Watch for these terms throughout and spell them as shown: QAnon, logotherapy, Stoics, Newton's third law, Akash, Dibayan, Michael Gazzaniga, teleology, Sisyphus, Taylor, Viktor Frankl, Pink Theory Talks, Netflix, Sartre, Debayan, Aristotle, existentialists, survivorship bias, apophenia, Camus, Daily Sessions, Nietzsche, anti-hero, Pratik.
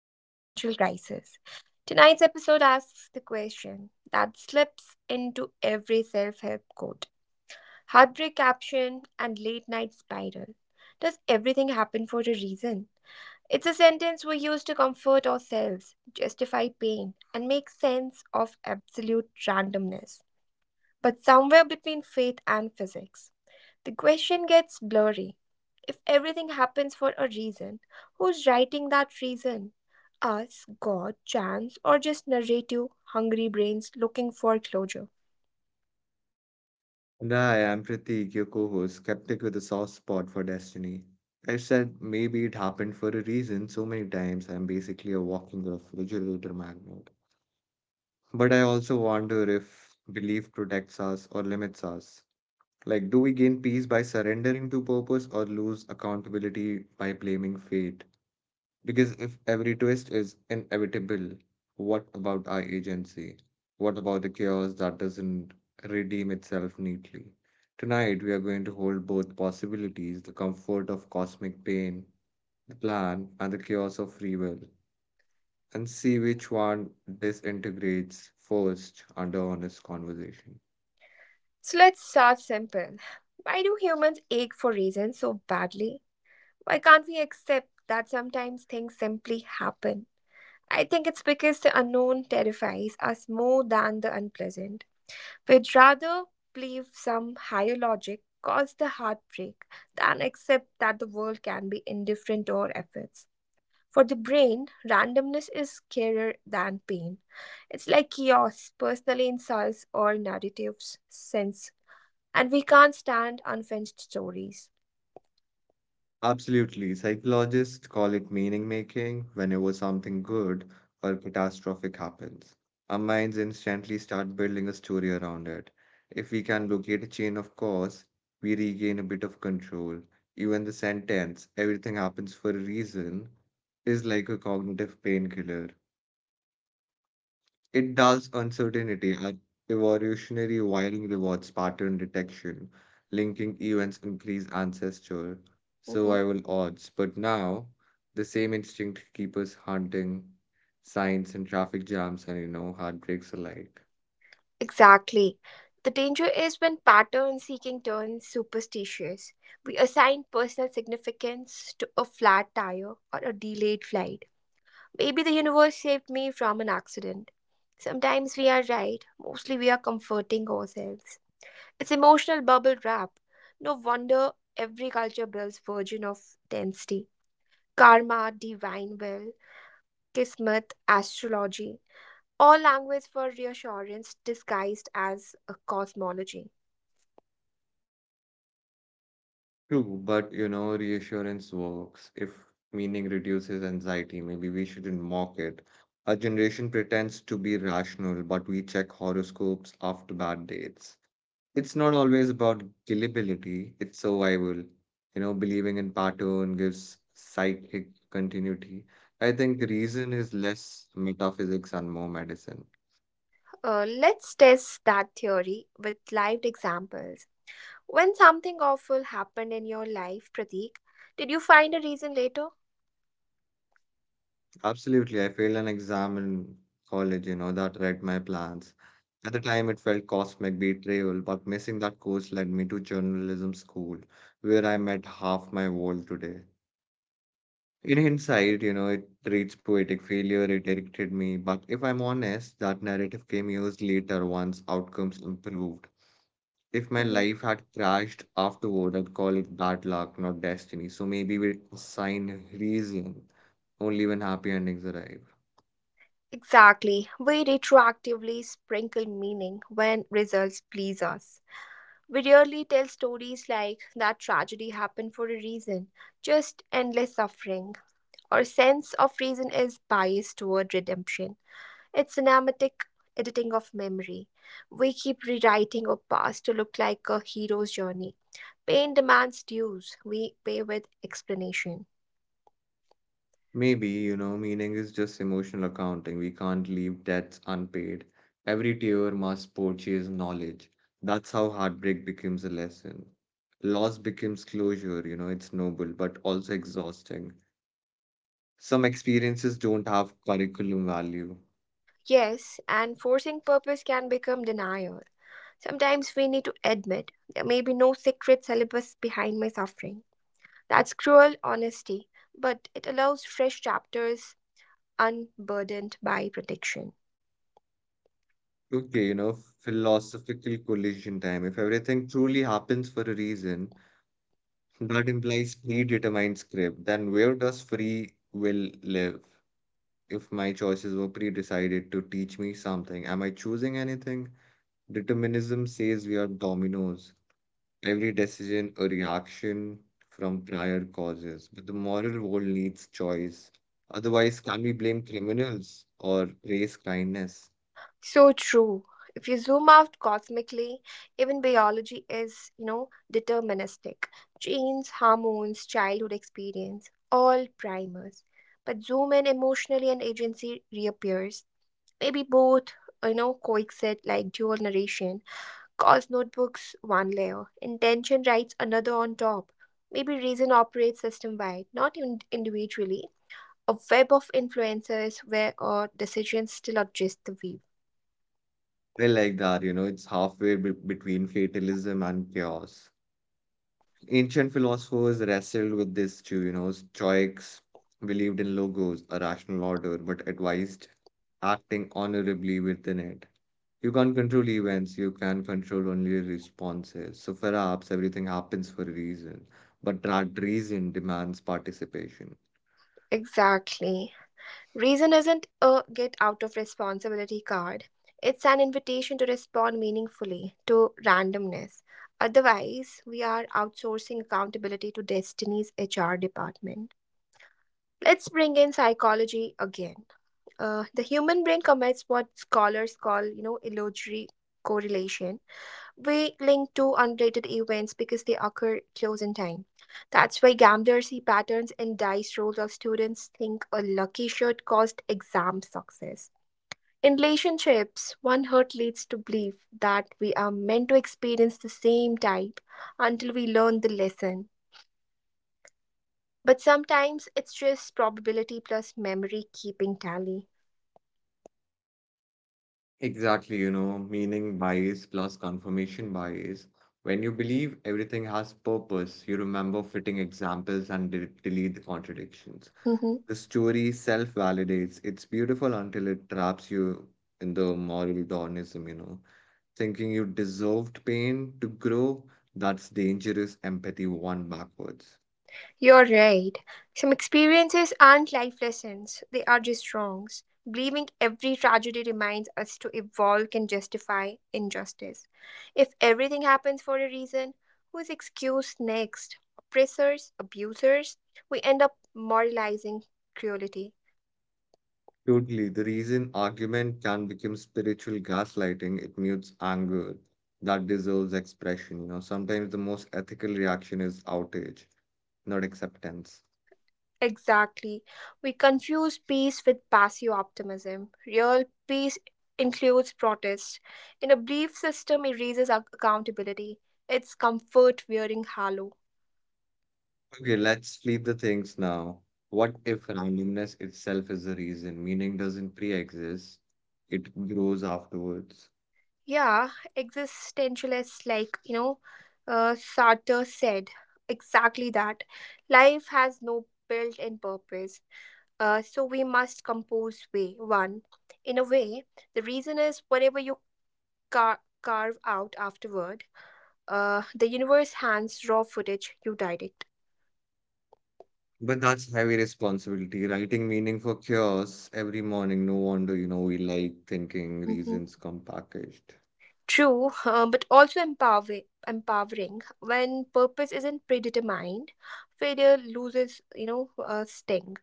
existential crisis. Tonight's episode asks the question that slips into every self help quote, heartbreak caption, and late night spiral. Does everything happen for a reason? It's a sentence we use to comfort ourselves, justify pain, and make sense of absolute randomness. But somewhere between faith and physics the question gets blurry. If everything happens for a reason, who's writing that reason? Us, God, chance, or just narrative, hungry brains looking for closure? Nah, I'm Pratik, your co-host, skeptic with a soft spot for destiny. I said maybe it happened for a reason so many times I'm basically a walking refrigerator magnet. But I also wonder if belief protects us or limits us. Like, do we gain peace by surrendering to purpose or lose accountability by blaming fate? Because if every twist is inevitable, what about our agency? What about the chaos that doesn't redeem itself neatly? Tonight, we are going to hold both possibilities the comfort of cosmic pain, the plan, and the chaos of free will, and see which one disintegrates first under honest conversation. So let's start simple. Why do humans ache for reasons so badly? Why can't we accept that sometimes things simply happen? I think it's because the unknown terrifies us more than the unpleasant. We'd rather believe some higher logic caused the heartbreak than accept that the world can be indifferent to our efforts. For the brain, randomness is scarier than pain. It's like chaos, personal insults, or narratives sense, and we can't stand unfinished stories. Absolutely. Psychologists call it meaning making whenever something good or catastrophic happens. Our minds instantly start building a story around it. If we can locate a chain of cause, we regain a bit of control. Even the sentence, everything happens for a reason, is like a cognitive painkiller. It does uncertainty and evolutionary wiring rewards pattern detection, linking events increase ancestral Mhm. survival odds. But now, the same instinct keeps us hunting signs and traffic jams and heartbreaks alike. Exactly. The danger is when pattern seeking turns superstitious. We assign personal significance to a flat tire or a delayed flight. Maybe the universe saved me from an accident. Sometimes we are right, mostly we are comforting ourselves. It's emotional bubble wrap. No wonder every culture builds version of density. Karma, divine will, kismet, astrology. All language for reassurance disguised as a cosmology. True, but reassurance works. If meaning reduces anxiety, maybe we shouldn't mock it. Our generation pretends to be rational, but we check horoscopes after bad dates. It's not always about gullibility, it's survival. You know, believing in pattern gives psychic continuity. I think the reason is less metaphysics and more medicine. Let's test that theory with live examples. When something awful happened in your life, Pratik, did you find a reason later? Absolutely, I failed an exam in college, that read my plans. At the time, it felt cosmic betrayal, but missing that course led me to journalism school, where I met half my world today. In hindsight, it reads poetic failure, it irritated me, but if I'm honest, that narrative came years later once outcomes improved. If my Mhm. life had crashed afterward, I'd call it bad luck, not destiny. So maybe we assign reason only when happy endings arrive. Exactly. We retroactively sprinkle meaning when results please us. We rarely tell stories like that tragedy happened for a reason, just endless suffering. Our sense of reason is biased toward redemption. It's cinematic editing of memory. We keep rewriting our past to look like a hero's journey. Pain demands dues, we pay with explanation. Maybe, meaning is just emotional accounting. We can't leave debts unpaid. Every tear must purchase knowledge. That's how heartbreak becomes a lesson. Loss becomes closure, it's noble, but also exhausting. Some experiences don't have curriculum value. Yes, and forcing purpose can become denial. Sometimes we need to admit there may be no secret syllabus behind my suffering. That's cruel honesty, but it allows fresh chapters unburdened by prediction. Okay, philosophical collision time. If everything truly happens for a reason, that implies predetermined script. Then where does free will live? If my choices were pre-decided to teach me something? Am I choosing anything? Determinism says we are dominoes, every decision a reaction from prior causes. But the moral world needs choice. Otherwise, can we blame criminals or praise kindness? So true. If you zoom out cosmically, even biology is, deterministic. Genes, hormones, childhood experience, all primers. But zoom in emotionally and agency reappears. Maybe both, coexist like dual narration. Cause notebooks one layer, intention writes another on top. Maybe reason operates system wide, not in- individually. A web of influences where our decisions still adjust the weave. I like that, it's halfway between fatalism and chaos. Ancient philosophers wrestled with this too, you know. Stoics believed in logos, a rational order, but advised acting honorably within it. You can't control events, you can control only your responses. So perhaps everything happens for a reason, but that reason demands participation. Exactly. Reason isn't a get out of responsibility card. It's an invitation to respond meaningfully to randomness. Otherwise, we are outsourcing accountability to Destiny's HR department. Let's bring in psychology again. The human brain commits what scholars call, illusory correlation. We link two unrelated events because they occur close in time. That's why gamblers see patterns in dice rolls or students think a lucky shot caused exam success. In relationships, one hurt leads to belief that we are meant to experience the same type until we learn the lesson. But sometimes it's just probability plus memory keeping tally. Exactly, meaning bias plus confirmation bias. When you believe everything has purpose, you remember fitting examples and delete the contradictions. Hmm. The story self validates. It's beautiful until it traps you in the moral dawnism, you know. Thinking you deserved pain to grow, that's dangerous empathy one backwards. You're right. Some experiences aren't life lessons, they are just wrongs. Believing every tragedy reminds us to evolve can justify injustice. If everything happens for a reason, who is excused next? Oppressors, abusers? We end up moralizing cruelty. Totally. The reason argument can become spiritual gaslighting, it mutes anger that deserves expression. You know, sometimes the most ethical reaction is outrage, not acceptance. Exactly. We confuse peace with passive optimism. Real peace includes protest. In a belief system, erases accountability. It's comfort wearing hollow. Okay, let's flip the things now. What if randomness itself is the reason? Meaning doesn't pre-exist, it grows afterwards. Yeah, existentialists like, Sartre said exactly that. Life has no built in purpose. So we must compose way one. In a way, the reason is whatever you carve out afterward. The universe hands raw footage, you direct. But that's heavy responsibility. Writing meaning for chaos every morning. No wonder, we like thinking Hmm. reasons come packaged. True, but also empowering. When purpose isn't predetermined, failure loses, sting.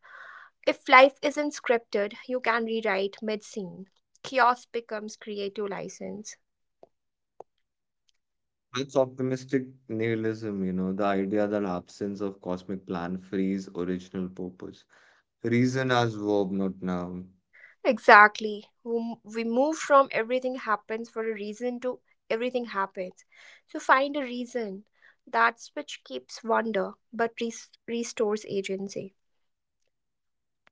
If life isn't scripted, you can rewrite mid-scene. Chaos becomes creative license. That's optimistic nihilism, the idea that absence of cosmic plan frees original purpose. Reason as verb, not noun. Exactly. We move from everything happens for a reason to everything happens. So find a reason. That's which keeps wonder, but restores agency.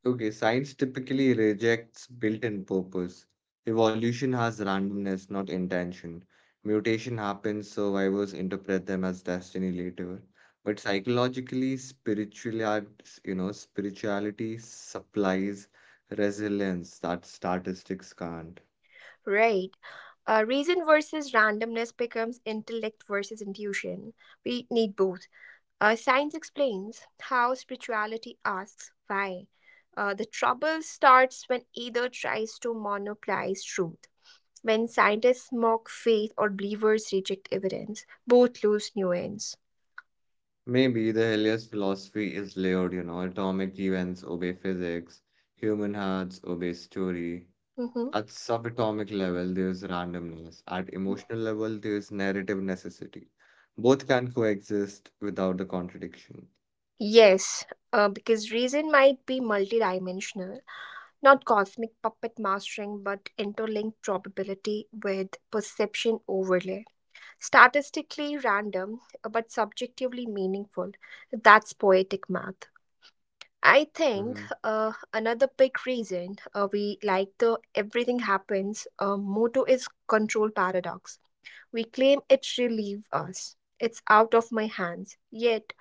Okay, science typically rejects built-in purpose. Evolution has randomness, not intention. Mutation happens, survivors interpret them as destiny later. But psychologically, spirituality, spirituality supplies resilience that statistics can't. Right. Reason versus randomness becomes intellect versus intuition. We need both. Science explains how spirituality asks why. The trouble starts when either tries to monopolize truth. When scientists mock faith or believers reject evidence, both lose nuance. Maybe the Helios philosophy is layered, atomic events obey physics, human hearts obey story. Hmm. At subatomic level, there is randomness. At emotional level, there is narrative necessity. Both can coexist without the contradiction. Yes, because reason might be multidimensional. Not cosmic puppet mastering, but interlinked probability with perception overlay. Statistically random, but subjectively meaningful. That's poetic math. I think Mhm. Another big reason we like the everything happens motto is control paradox. We claim it relieves us. It's out of my hands. Yet,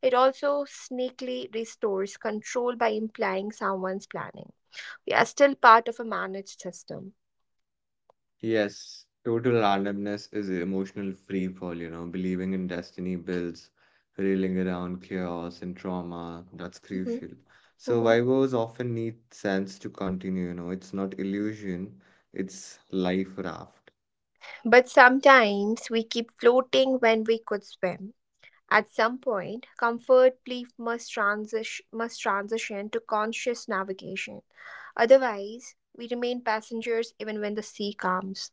it also sneakily restores control by implying someone's planning. We are still part of a managed system. Yes, total randomness is emotional free fall, you know. Believing in destiny builds, reeling around chaos and trauma, that's Mhm. crucial. Mhm. Survivors often need sense to continue, you know. It's not illusion, it's life raft. But sometimes we keep floating when we could swim. At some point, comfort belief must transition to conscious navigation. Otherwise, we remain passengers even when the sea calms.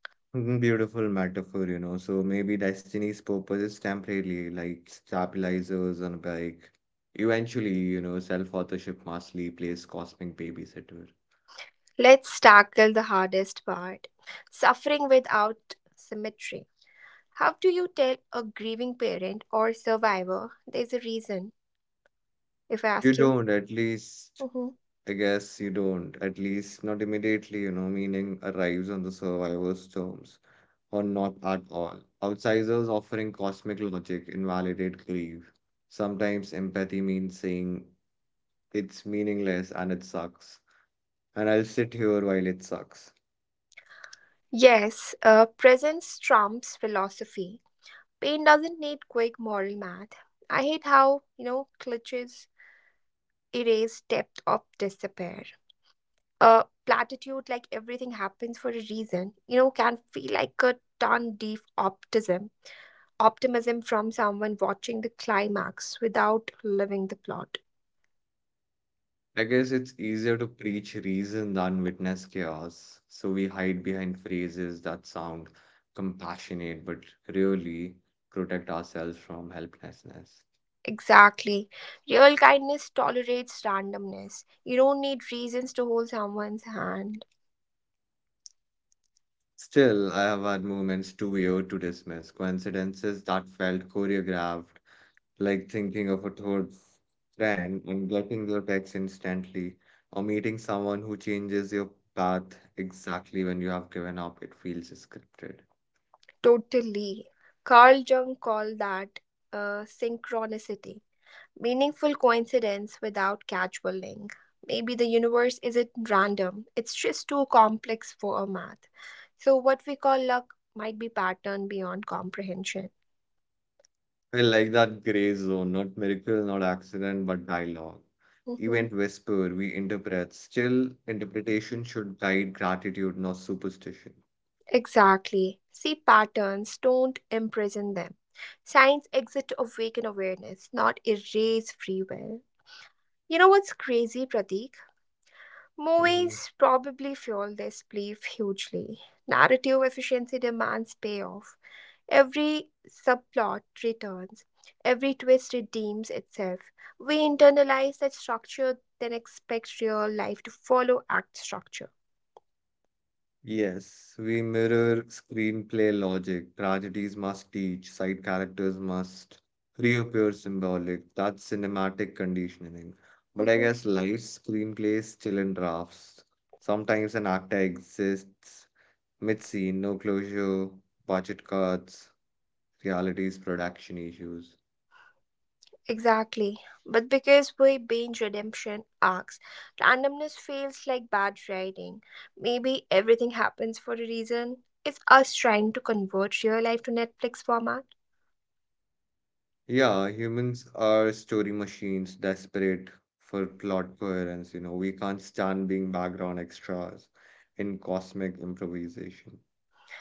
Mhm, beautiful metaphor, you know. So maybe destiny's purpose is temporarily, like stabilizers on a bike. Eventually, self-authorship must plays cosmic babysitter. Let's tackle the hardest part suffering without symmetry. How do you tell a grieving parent or survivor there's a reason, if I You ask you? don't, at least. I guess you don't, at least not immediately, meaning arrives on the survivor's terms, or not at all. Outsiders offering cosmic logic invalidate grief. Sometimes empathy means saying it's meaningless and it sucks, and I'll sit here while it sucks. Yes, presence trumps philosophy. Pain doesn't need quick moral math. I hate how, clutches erase depth of despair. A platitude like everything happens for a reason, can feel like a ton deep optimism. Optimism from someone watching the climax without living the plot. I guess it's easier to preach reason than witness chaos, so we hide behind phrases that sound compassionate but really protect ourselves from helplessness. Exactly. Real kindness tolerates randomness. You don't need reasons to hold someone's hand. Still, I have had moments too weird to dismiss, coincidences that felt choreographed, like thinking of a third friend and getting their text instantly, or meeting someone who changes your path exactly when you have given up. It feels scripted. Totally. Carl Jung called that synchronicity, meaningful coincidence without casual link. Maybe the universe isn't random, it's just too complex for our math. So, what we call luck might be pattern beyond comprehension. I like that gray zone, not miracle, not accident, but dialogue. Mhm. Event whisper, we interpret. Still, interpretation should guide gratitude, not superstition. Exactly. See, patterns don't imprison them. Science exits awaken awareness, not erase free will. You know what's crazy, Pratik? Mm-hmm. Movies probably fuel this belief hugely. Narrative efficiency demands payoff. Every subplot returns, every twist redeems itself. We internalize that structure, then expect real life to follow act structure. Yes, we mirror screenplay logic. Tragedies must teach, side characters must reappear symbolic. That's cinematic conditioning. But I Mm-hmm. guess life's screenplay is still in drafts. Sometimes an actor exists mid scene, no closure, budget cuts, realities, production issues. Exactly. But because we binge redemption arcs, randomness feels like bad writing. Maybe everything happens for a reason. It's us trying to convert real life to Netflix format. Yeah, humans are story machines desperate for plot coherence. We can't stand being background extras in cosmic improvisation.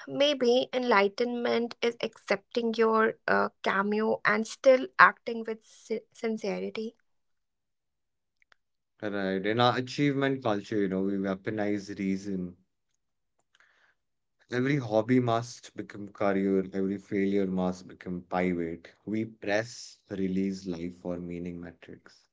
Maybe enlightenment is accepting your cameo and still acting with sincerity. Right. In our achievement culture, we weaponize reason. Every hobby must become career, every failure must become pivot. We press release life for meaning metrics.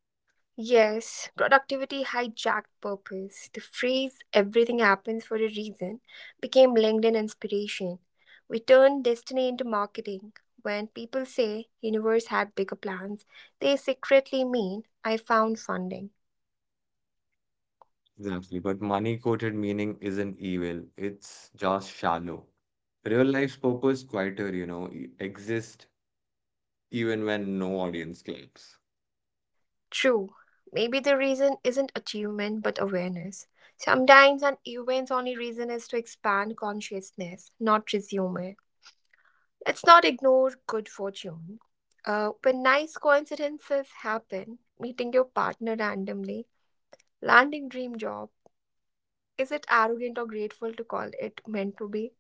Yes, productivity hijacked purpose. The phrase everything happens for a reason became LinkedIn inspiration. We turned destiny into marketing. When people say universe had bigger plans, they secretly mean I found funding. Exactly. But money quoted meaning isn't evil, it's just shallow. Real life's purpose quieter, exist even when no audience claps. True. Maybe the reason isn't achievement but awareness. Sometimes an event's only reason is to expand consciousness, not resume it. Let's not ignore good fortune. When nice coincidences happen, meeting your partner randomly, landing dream job, is it arrogant or grateful to call it meant to be?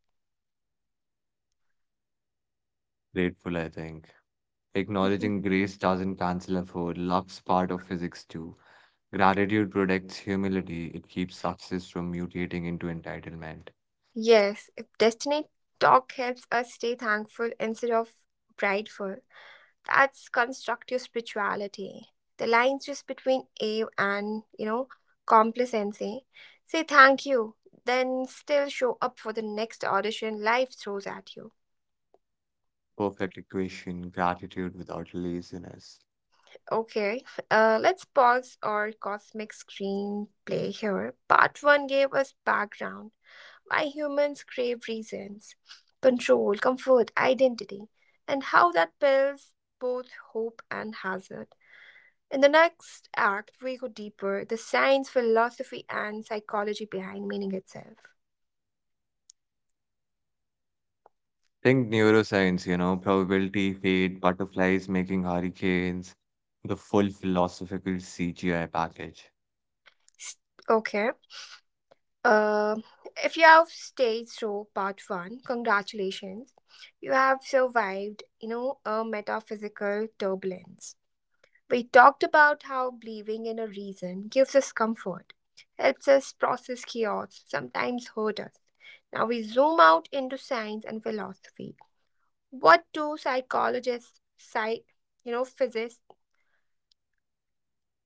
Grateful, I think. Acknowledging grace doesn't cancel effort. Luck's part of physics too. Gratitude protects humility. It keeps success from mutating into entitlement. Yes, if destiny talk helps us stay thankful instead of prideful, that's constructive spirituality. The lines just between awe and, complacency. Say thank you, then still show up for the next audition life throws at you. Perfect equation, gratitude without laziness. Okay, let's pause our cosmic screenplay here. Part 1 gave us background why humans crave reasons, control, comfort, identity, and how that builds both hope and hazard. In the next act, we go deeper the science, philosophy, and psychology behind meaning itself. Think neuroscience, probability, fate, butterflies making hurricanes, the full philosophical CGI package. S- Okay. Uh, if you have stayed through part one, congratulations. You have survived, a metaphysical turbulence. We talked about how believing in a reason gives us comfort, helps us process chaos, sometimes hurt us. Now we zoom out into science and philosophy. What do psychologists, physicists,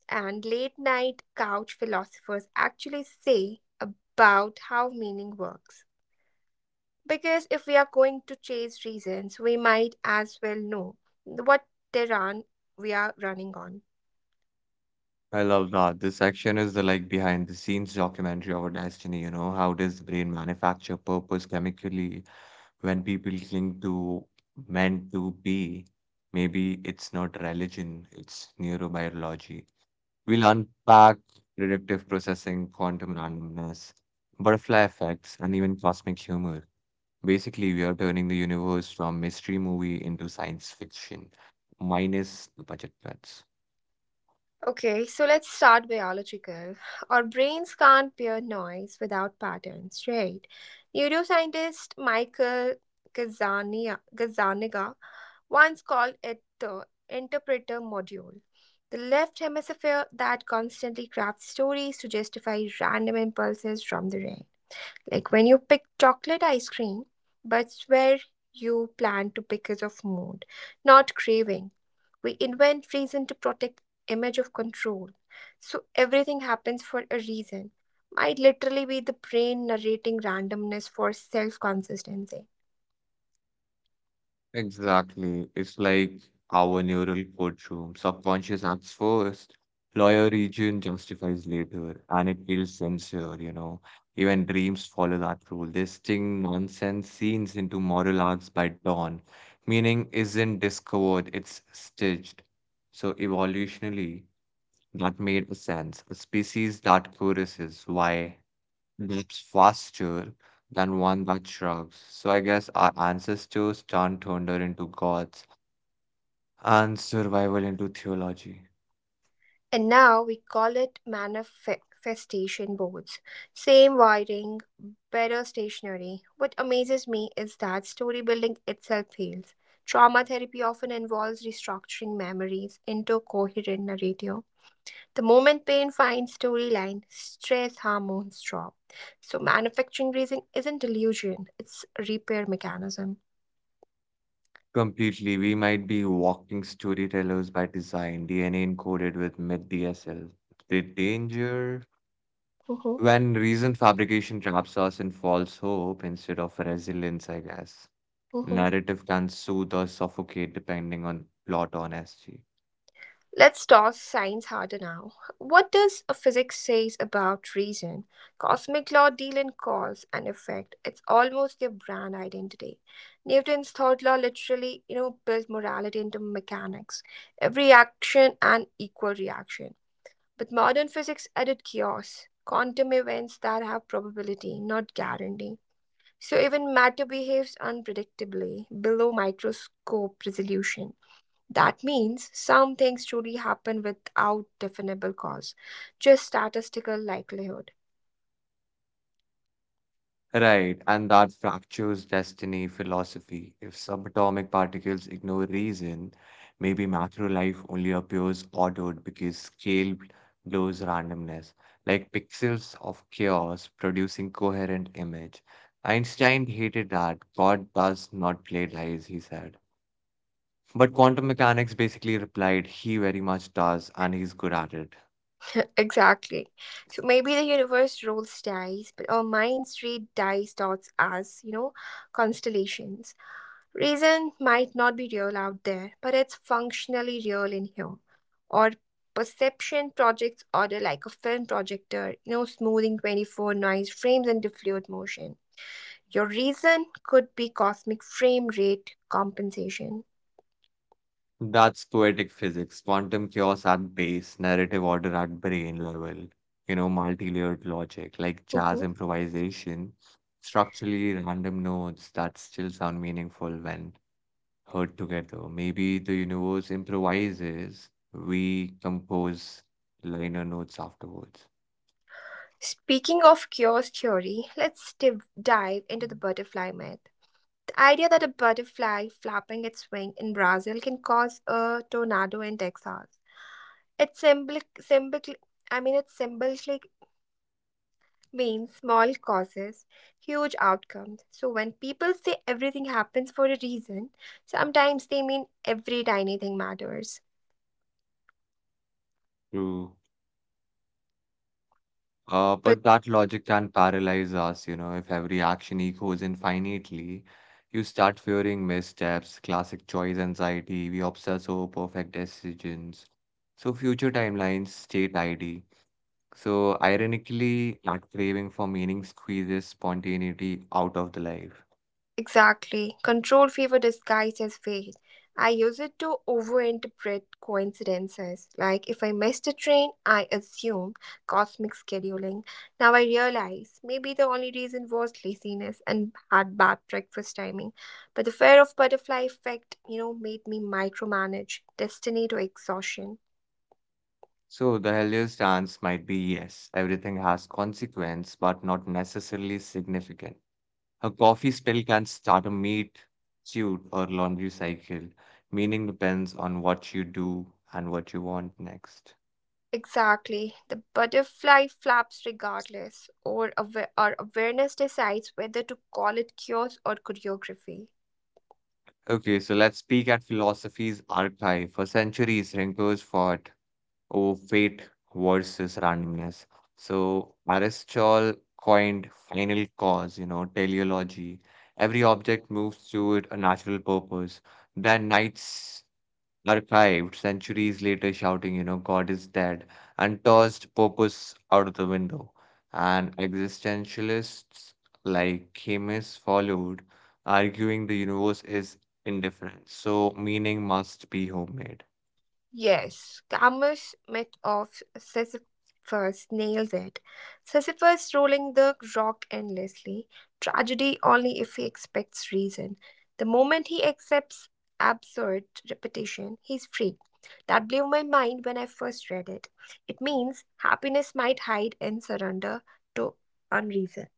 and late night couch philosophers actually say about how meaning works? Because if we are going to chase reasons, we might as well know what terrain we are running on. I love that. This section is the like behind the scenes documentary of our destiny, how does the brain manufacture purpose chemically when people cling to meant to be? Maybe it's not religion, it's neurobiology. We'll unpack predictive processing, quantum randomness, butterfly effects, and even cosmic humor. Basically, we are turning the universe from mystery movie into science fiction, minus the budget cuts. Okay, so let's start biological. Our brains can't bear noise without patterns, right? Neuroscientist Michael Gazzaniga once called it the interpreter module. The left hemisphere that constantly crafts stories to justify random impulses from the brain. Like when you pick chocolate ice cream, but where you plan to because of mood, not craving. We invent reason to protect image of control. So everything happens for a reason. Might literally be the brain narrating randomness for self consistency. Exactly. It's like our neural courtroom. Subconscious acts first, lawyer region justifies later, and it feels sincere, you know. Even dreams follow that rule. They sting nonsense scenes into moral arcs by dawn. Meaning isn't discovered, it's stitched. So evolutionally, that made sense. A species that choruses, why? That's faster than one that shrugs. So I guess our ancestors turned thunder into gods and survival into theology. And now we call it manifestation boards. Same wiring, better stationery. What amazes me is that story building itself fails. Trauma therapy often involves restructuring memories into coherent narrative. The moment pain finds storyline, stress hormones drop. So manufacturing reason isn't delusion, it's repair mechanism. Completely, we might be walking storytellers by design, DNA encoded with myth DSL. The danger Mhm, when reason fabrication traps us in false hope instead of resilience, I guess. mhm. Narrative can soothe or suffocate depending on plot honesty. Let's toss science harder now. What does a physics says about reason? Cosmic law deal in cause and effect. It's almost their brand identity. Newton's third law literally, built morality into mechanics. Every action and equal reaction. But modern physics added chaos, quantum events that have probability, not guarantee. So even matter behaves unpredictably below microscope resolution. That means some things truly happen without definable cause, just statistical likelihood. Right, and that fractures destiny philosophy. If subatomic particles ignore reason, maybe macro life only appears ordered because scale blows randomness, like pixels of chaos producing coherent image. Einstein hated that. God does not play dice, he said. But quantum mechanics basically replied, he very much does, and he's good at it. Exactly. So maybe the universe rolls dice, but our minds read dice dots as, constellations. Reason might not be real out there, but it's functionally real in here. Or perception projects order like a film projector, smoothing 24 noise frames into fluid motion. Your reason could be cosmic frame rate compensation. That's poetic physics, quantum chaos at base, narrative order at brain level, multi-layered logic, like jazz Mhm. improvisation, structurally random notes that still sound meaningful when heard together. Maybe the universe improvises, we compose liner notes afterwards. Speaking of chaos theory, dive into the butterfly myth. The idea that a butterfly flapping its wing in Brazil can cause a tornado in Texas. It's symbolic, symbolic it symbolically means small causes, huge outcomes. So when people say everything happens for a reason, sometimes they mean every tiny thing matters. True. But that logic can paralyze us, if every action echoes infinitely. You start fearing missteps, classic choice anxiety, we obsess over perfect decisions. So future timelines, state ID. So ironically, that craving for meaning squeezes spontaneity out of the life. Exactly. Control fever disguised as faith. I use it to overinterpret coincidences. Like if I missed a train, I assume cosmic scheduling. Now I realize maybe the only reason was laziness and had bad breakfast timing. But the fear of butterfly effect, made me micromanage destiny to exhaustion. So the healthier stance might be yes, everything has consequence, but not necessarily significant. A coffee spill can start a meat, suit, or laundry cycle. Meaning depends on what you do and what you want next. Exactly. The butterfly flaps regardless, or our awareness decides whether to call it chaos or choreography. Okay, so let's peek at philosophy's archive. For centuries, thinkers fought over fate versus randomness. So Aristotle coined final cause, teleology. Every object moves toward a natural purpose. Then Knights archived centuries later, shouting, God is dead, and tossed purpose out of the window. And existentialists like Camus followed, arguing the universe is indifferent, so meaning must be homemade. Yes, Camus' myth of Sisyphus nails it. Sisyphus rolling the rock endlessly, tragedy only if he expects reason. The moment he accepts absurd repetition, he's free. That blew my mind when I first read it. It means happiness might hide in surrender to unreason.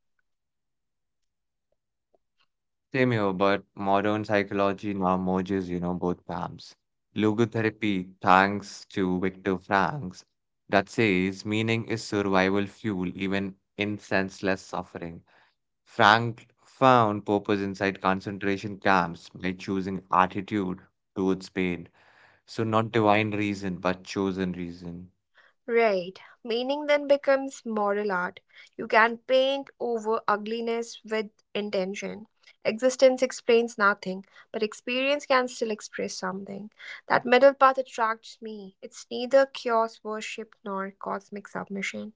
Same here, but modern psychology now merges, both camps. Logotherapy, thanks to Viktor Frankl, that says meaning is survival fuel even in senseless suffering. Frank found purpose inside concentration camps by choosing attitude towards pain. So, not divine reason, but chosen reason. Right. Meaning then becomes moral art. You can paint over ugliness with intention. Existence explains nothing, but experience can still express something. That middle path attracts me. It's neither chaos worship nor cosmic submission.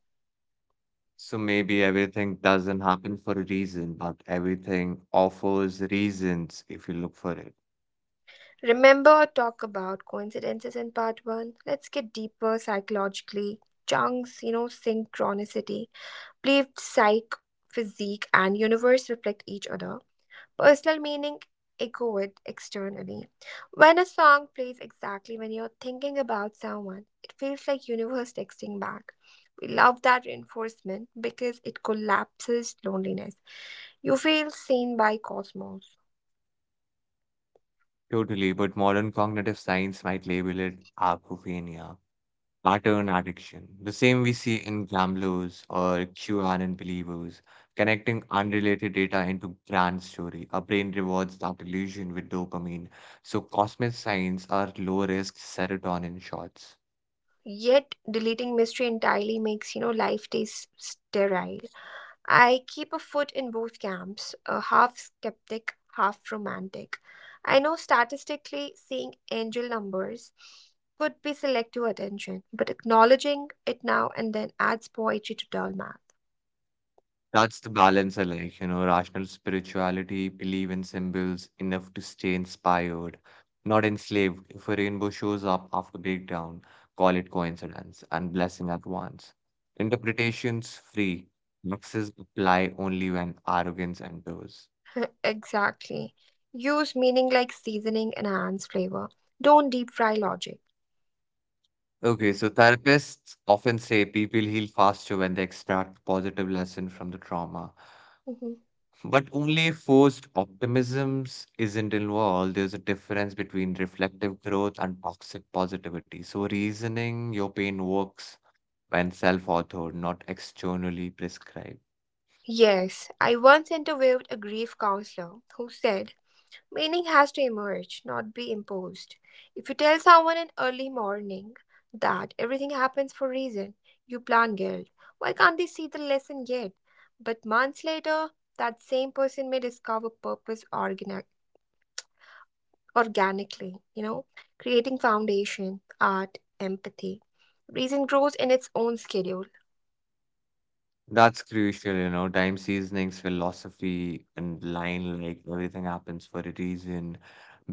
So, maybe everything doesn't happen for a reason, but everything offers reasons if you look for it. Remember our talk about coincidences in part one? Let's get deeper psychologically. Chunks, synchronicity. Believed psych, physique, and universe reflect each other. Personal meaning echoed externally. When a song plays exactly when you're thinking about someone, it feels like universe texting back. We love that reinforcement because it collapses loneliness. You feel seen by cosmos. Totally, but modern cognitive science might label it apophenia. Pattern addiction, the same we see in gamblers or QAnon believers, connecting unrelated data into grand story. Our brain rewards that illusion with dopamine. So cosmic signs are low risk serotonin shots. Yet deleting mystery entirely makes life taste sterile. I keep a foot in both camps, a half skeptic, half romantic. I know statistically seeing angel numbers could be selective attention, but acknowledging it now and then adds poetry to dull math. That's the balance I like, you know, rational spirituality, believe in symbols enough to stay inspired, not enslaved. If a rainbow shows up after breakdown, call it coincidence and blessing at once. Interpretations free. Maxes apply only when arrogance enters. exactly. Use meaning like seasoning and enhance flavor. Don't deep fry logic. Okay, so therapists often say people heal faster when they extract positive lesson from the trauma. Mhm. But only forced optimisms isn't involved. There's a difference between reflective growth and toxic positivity. So, reasoning your pain works when self authored, not externally prescribed. Yes, I once interviewed a grief counselor who said meaning has to emerge, not be imposed. If you tell someone in early morning that everything happens for a reason, you plant guilt. Why can't they see the lesson yet? But months later, that same person may discover organically, creating foundation, art, empathy. Reason grows in its own schedule. That's crucial, you know. Time seasonings, philosophy, and line like everything happens for a reason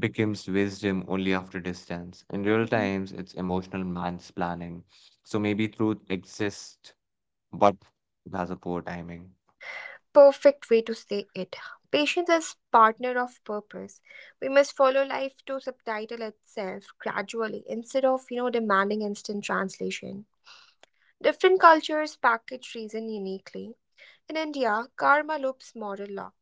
becomes wisdom only after distance. In real Mm-hmm. times, it's emotional man's planning. So, maybe truth exists, but it has a poor timing. Perfect way to say it. Patience is partner of purpose. We must follow life to subtitle itself gradually instead of demanding instant translation. Different cultures package reason uniquely. In India, karma loops moral law.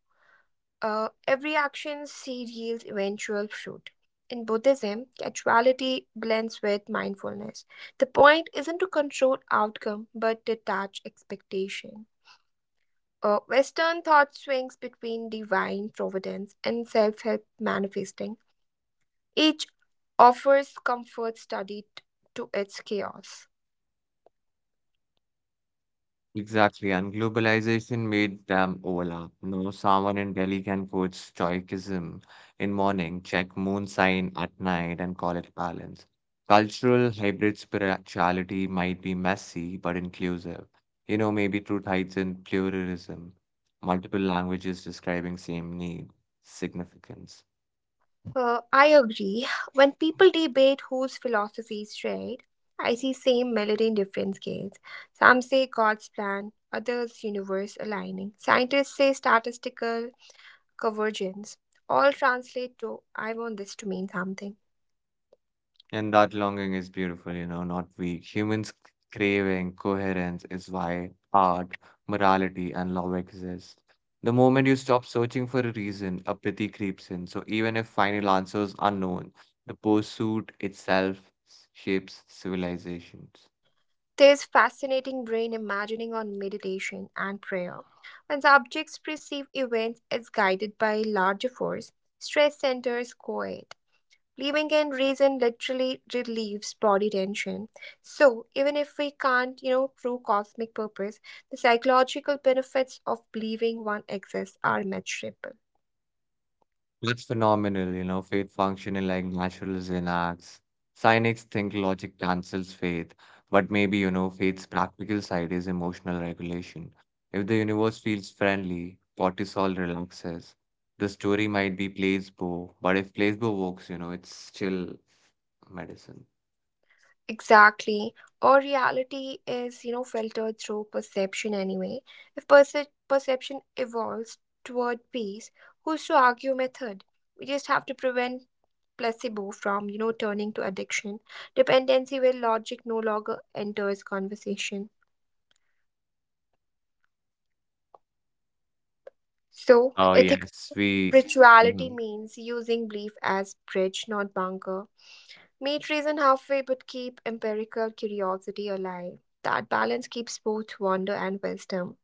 Every action seed yields eventual fruit. In Buddhism, casuality blends with mindfulness. The point isn't to control outcome but detach expectation. Western thought swings between divine providence and self help manifesting. Each offers comfort studied to its chaos. Exactly, and globalization made them overlap. No, someone in Delhi can quote Stoicism in morning, check moon sign at night, and call it balance. Cultural hybrid spirituality might be messy but inclusive. You know, maybe truth hides in pluralism, multiple languages describing same need, significance. I agree. When people debate whose philosophy is right, I see same melody in different scales. Some say God's plan, others universe aligning. Scientists say statistical convergence. All translate to I want this to mean something. And that longing is beautiful, you know, not weak. Humans craving coherence is why art, morality, and love exist. The moment you stop searching for a reason, apathy creeps in. So even if final answers are known, the pursuit itself shapes civilizations. There's fascinating brain imagining on meditation and prayer. When subjects perceive events as guided by larger force, stress centers quiet. Believing in reason literally relieves body tension. So even if we can't, prove cosmic purpose, the psychological benefits of believing one exists are measurable. That's phenomenal, you know, faith functioning like naturalism acts. Cynics think logic cancels faith, but maybe, you know, faith's practical side is emotional regulation. If the universe feels friendly, cortisol relaxes. The story might be placebo, but if placebo works, you know, it's still medicine. Exactly. Or reality is, filtered through perception anyway. If perception evolves toward peace, who's to argue method? We just have to prevent placebo from, turning to addiction, dependency where logic no longer enters conversation. So, Oh, ethical yes, we. spirituality Mhm. means using belief as bridge, not bunker. Meet reason halfway, but keep empirical curiosity alive. That balance keeps both wonder and wisdom.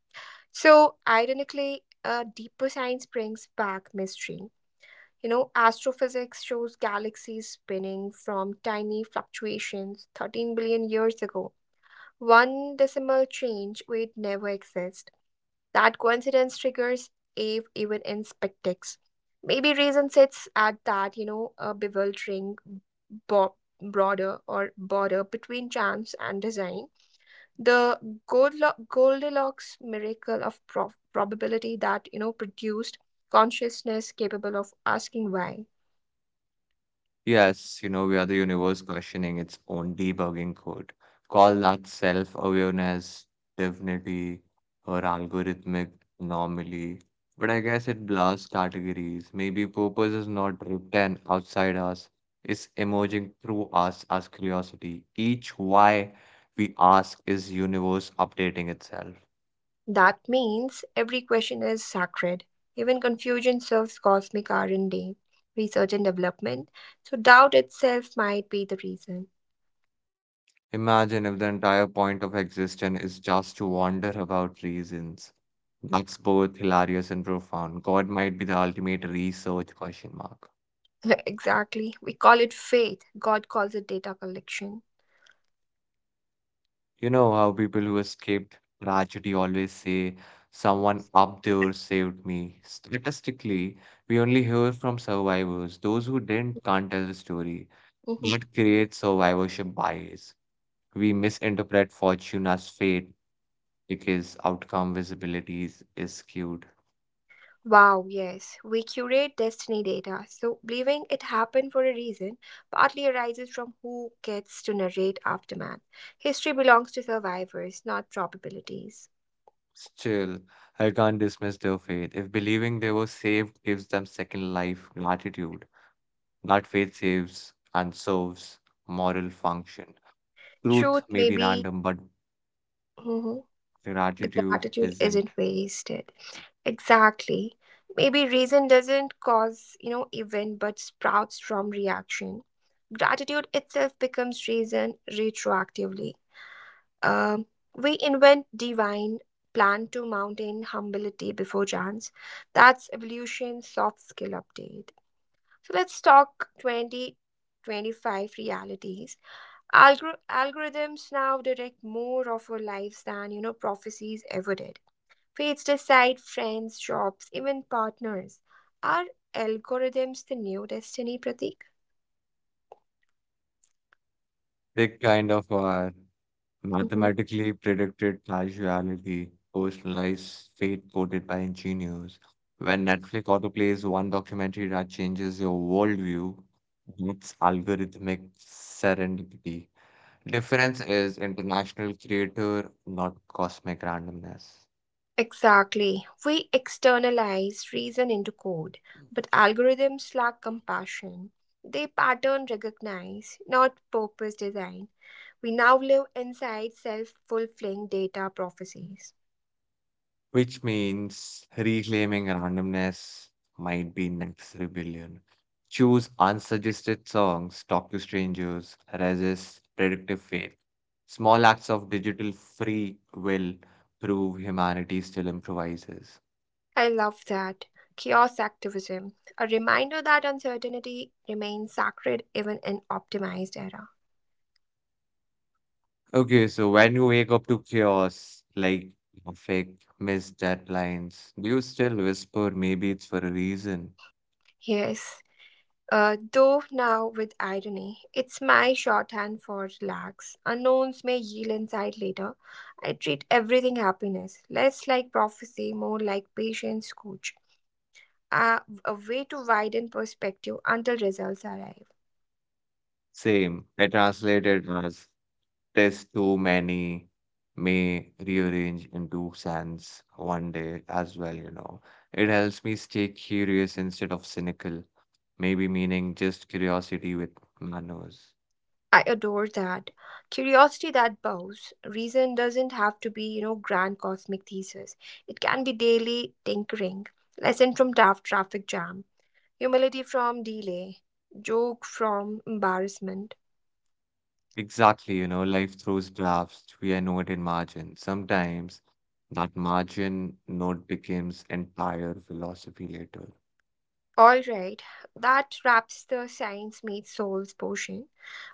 So, ironically, a deeper science brings back mystery. You know, astrophysics shows galaxies spinning from tiny fluctuations 13 billion years ago. One decimal change would never exist. That coincidence triggers Ave even in spectics. Maybe reason sits at that, a bewildering bo- broader or border between chance and design the Goldilocks miracle of probability that produced consciousness capable of asking why. Yes, you know, we are the universe questioning its own debugging code. Call that self-awareness, divinity, or algorithmic anomaly. But I guess it blurs categories. Maybe purpose is not written outside us, it's emerging through us as curiosity. Each why we ask is universe updating itself. That means every question is sacred. Even confusion serves cosmic R&D, research and development. So doubt itself might be the reason. Imagine if the entire point of existence is just to wonder about reasons. That's both hilarious and profound. God might be the ultimate research question mark. exactly. We call it faith. God calls it data collection. You know how people who escaped tragedy always say, someone up there saved me. Statistically, we only hear from survivors. Those who didn't can't tell the story. Mm-hmm. That creates survivorship bias. We misinterpret fortune as fate because outcome visibility is skewed. Wow, yes. We curate destiny data, so believing it happened for a reason partly arises from who gets to narrate aftermath. History belongs to survivors, not probabilities. Still, I can't dismiss their faith. If believing they were saved gives them second life gratitude, not faith saves and serves moral function. Truth Truth may may be be, random, but mhm, but gratitude gratitude isn't. isn't wasted. Exactly. Maybe reason doesn't cause, event but sprouts from reaction. Gratitude itself becomes reason retroactively. Um, we invent divine, plan to mountain humility before chance. That's evolution soft skill update. So let's talk 2025 realities. Algorithms now direct more of our lives than prophecies ever did. Fates decide friends, jobs, even partners. Are algorithms the new destiny, Pratik? They kind of are Mhm. mathematically predicted casuality, personalized fate coded by engineers. When Netflix autoplays one documentary that changes your worldview, it's algorithmic serendipity. Difference is international creator, not cosmic randomness, Exactly. We externalize reason into code, but algorithms lack compassion. They pattern recognize, not purpose design. We now live inside self fulfilling data prophecies. which means reclaiming randomness might be next rebellion. Choose unsuggested songs, talk to strangers, resist predictive faith. Small acts of digital free will prove humanity still improvises. I love that. Chaos activism, a reminder that uncertainty remains sacred even in optimized era. Okay, so when you wake up to chaos, like fake missed deadlines, do you still whisper, maybe it's for a reason? Yes, though now with irony, it's my shorthand for relax. Unknowns may yield insight later. I treat everything happiness, less like prophecy, more like patience coach. Uh, a way to widen perspective until results arrive. Same. I translated as "There's too many may rearrange into sands one day" as well, you know. It helps me stay curious instead of cynical, maybe meaning just curiosity with manners. I adore that. Curiosity that bows. Reason doesn't have to be, grand cosmic thesis. It can be daily tinkering. Lesson from tough traffic jam. Humility from delay. Joke from embarrassment. Exactly, you know, life throws drafts, we are note in margin. Sometimes that margin note becomes entire philosophy later. All right, that wraps the science meets souls portion.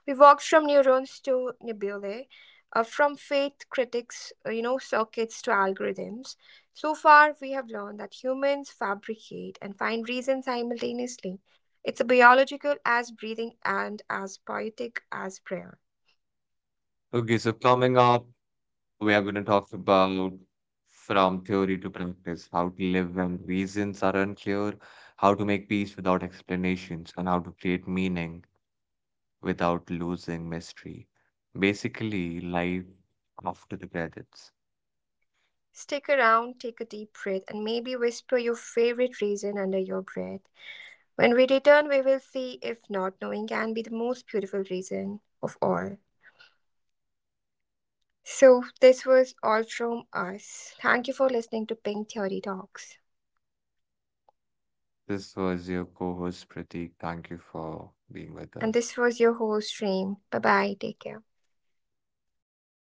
We walked from neurons to nebulae, from faith critics, circuits to algorithms. So far, we have learned that humans fabricate and find reason simultaneously. It's a biological as breathing and as poetic as prayer. Okay, so coming up, we are going to talk about from theory to practice, how to live when reasons are unclear, how to make peace without explanations, and how to create meaning without losing mystery. Basically, life after the credits. Stick around, take a deep breath, and maybe whisper your favorite reason under your breath. When we return, we will see if not knowing can be the most beautiful reason of all. So, this was all from us. Thank you for listening to Pink Theory Talks. This was your co host Pratik. Thank you for being with And us. this was your host, Reem. Bye bye. Take care.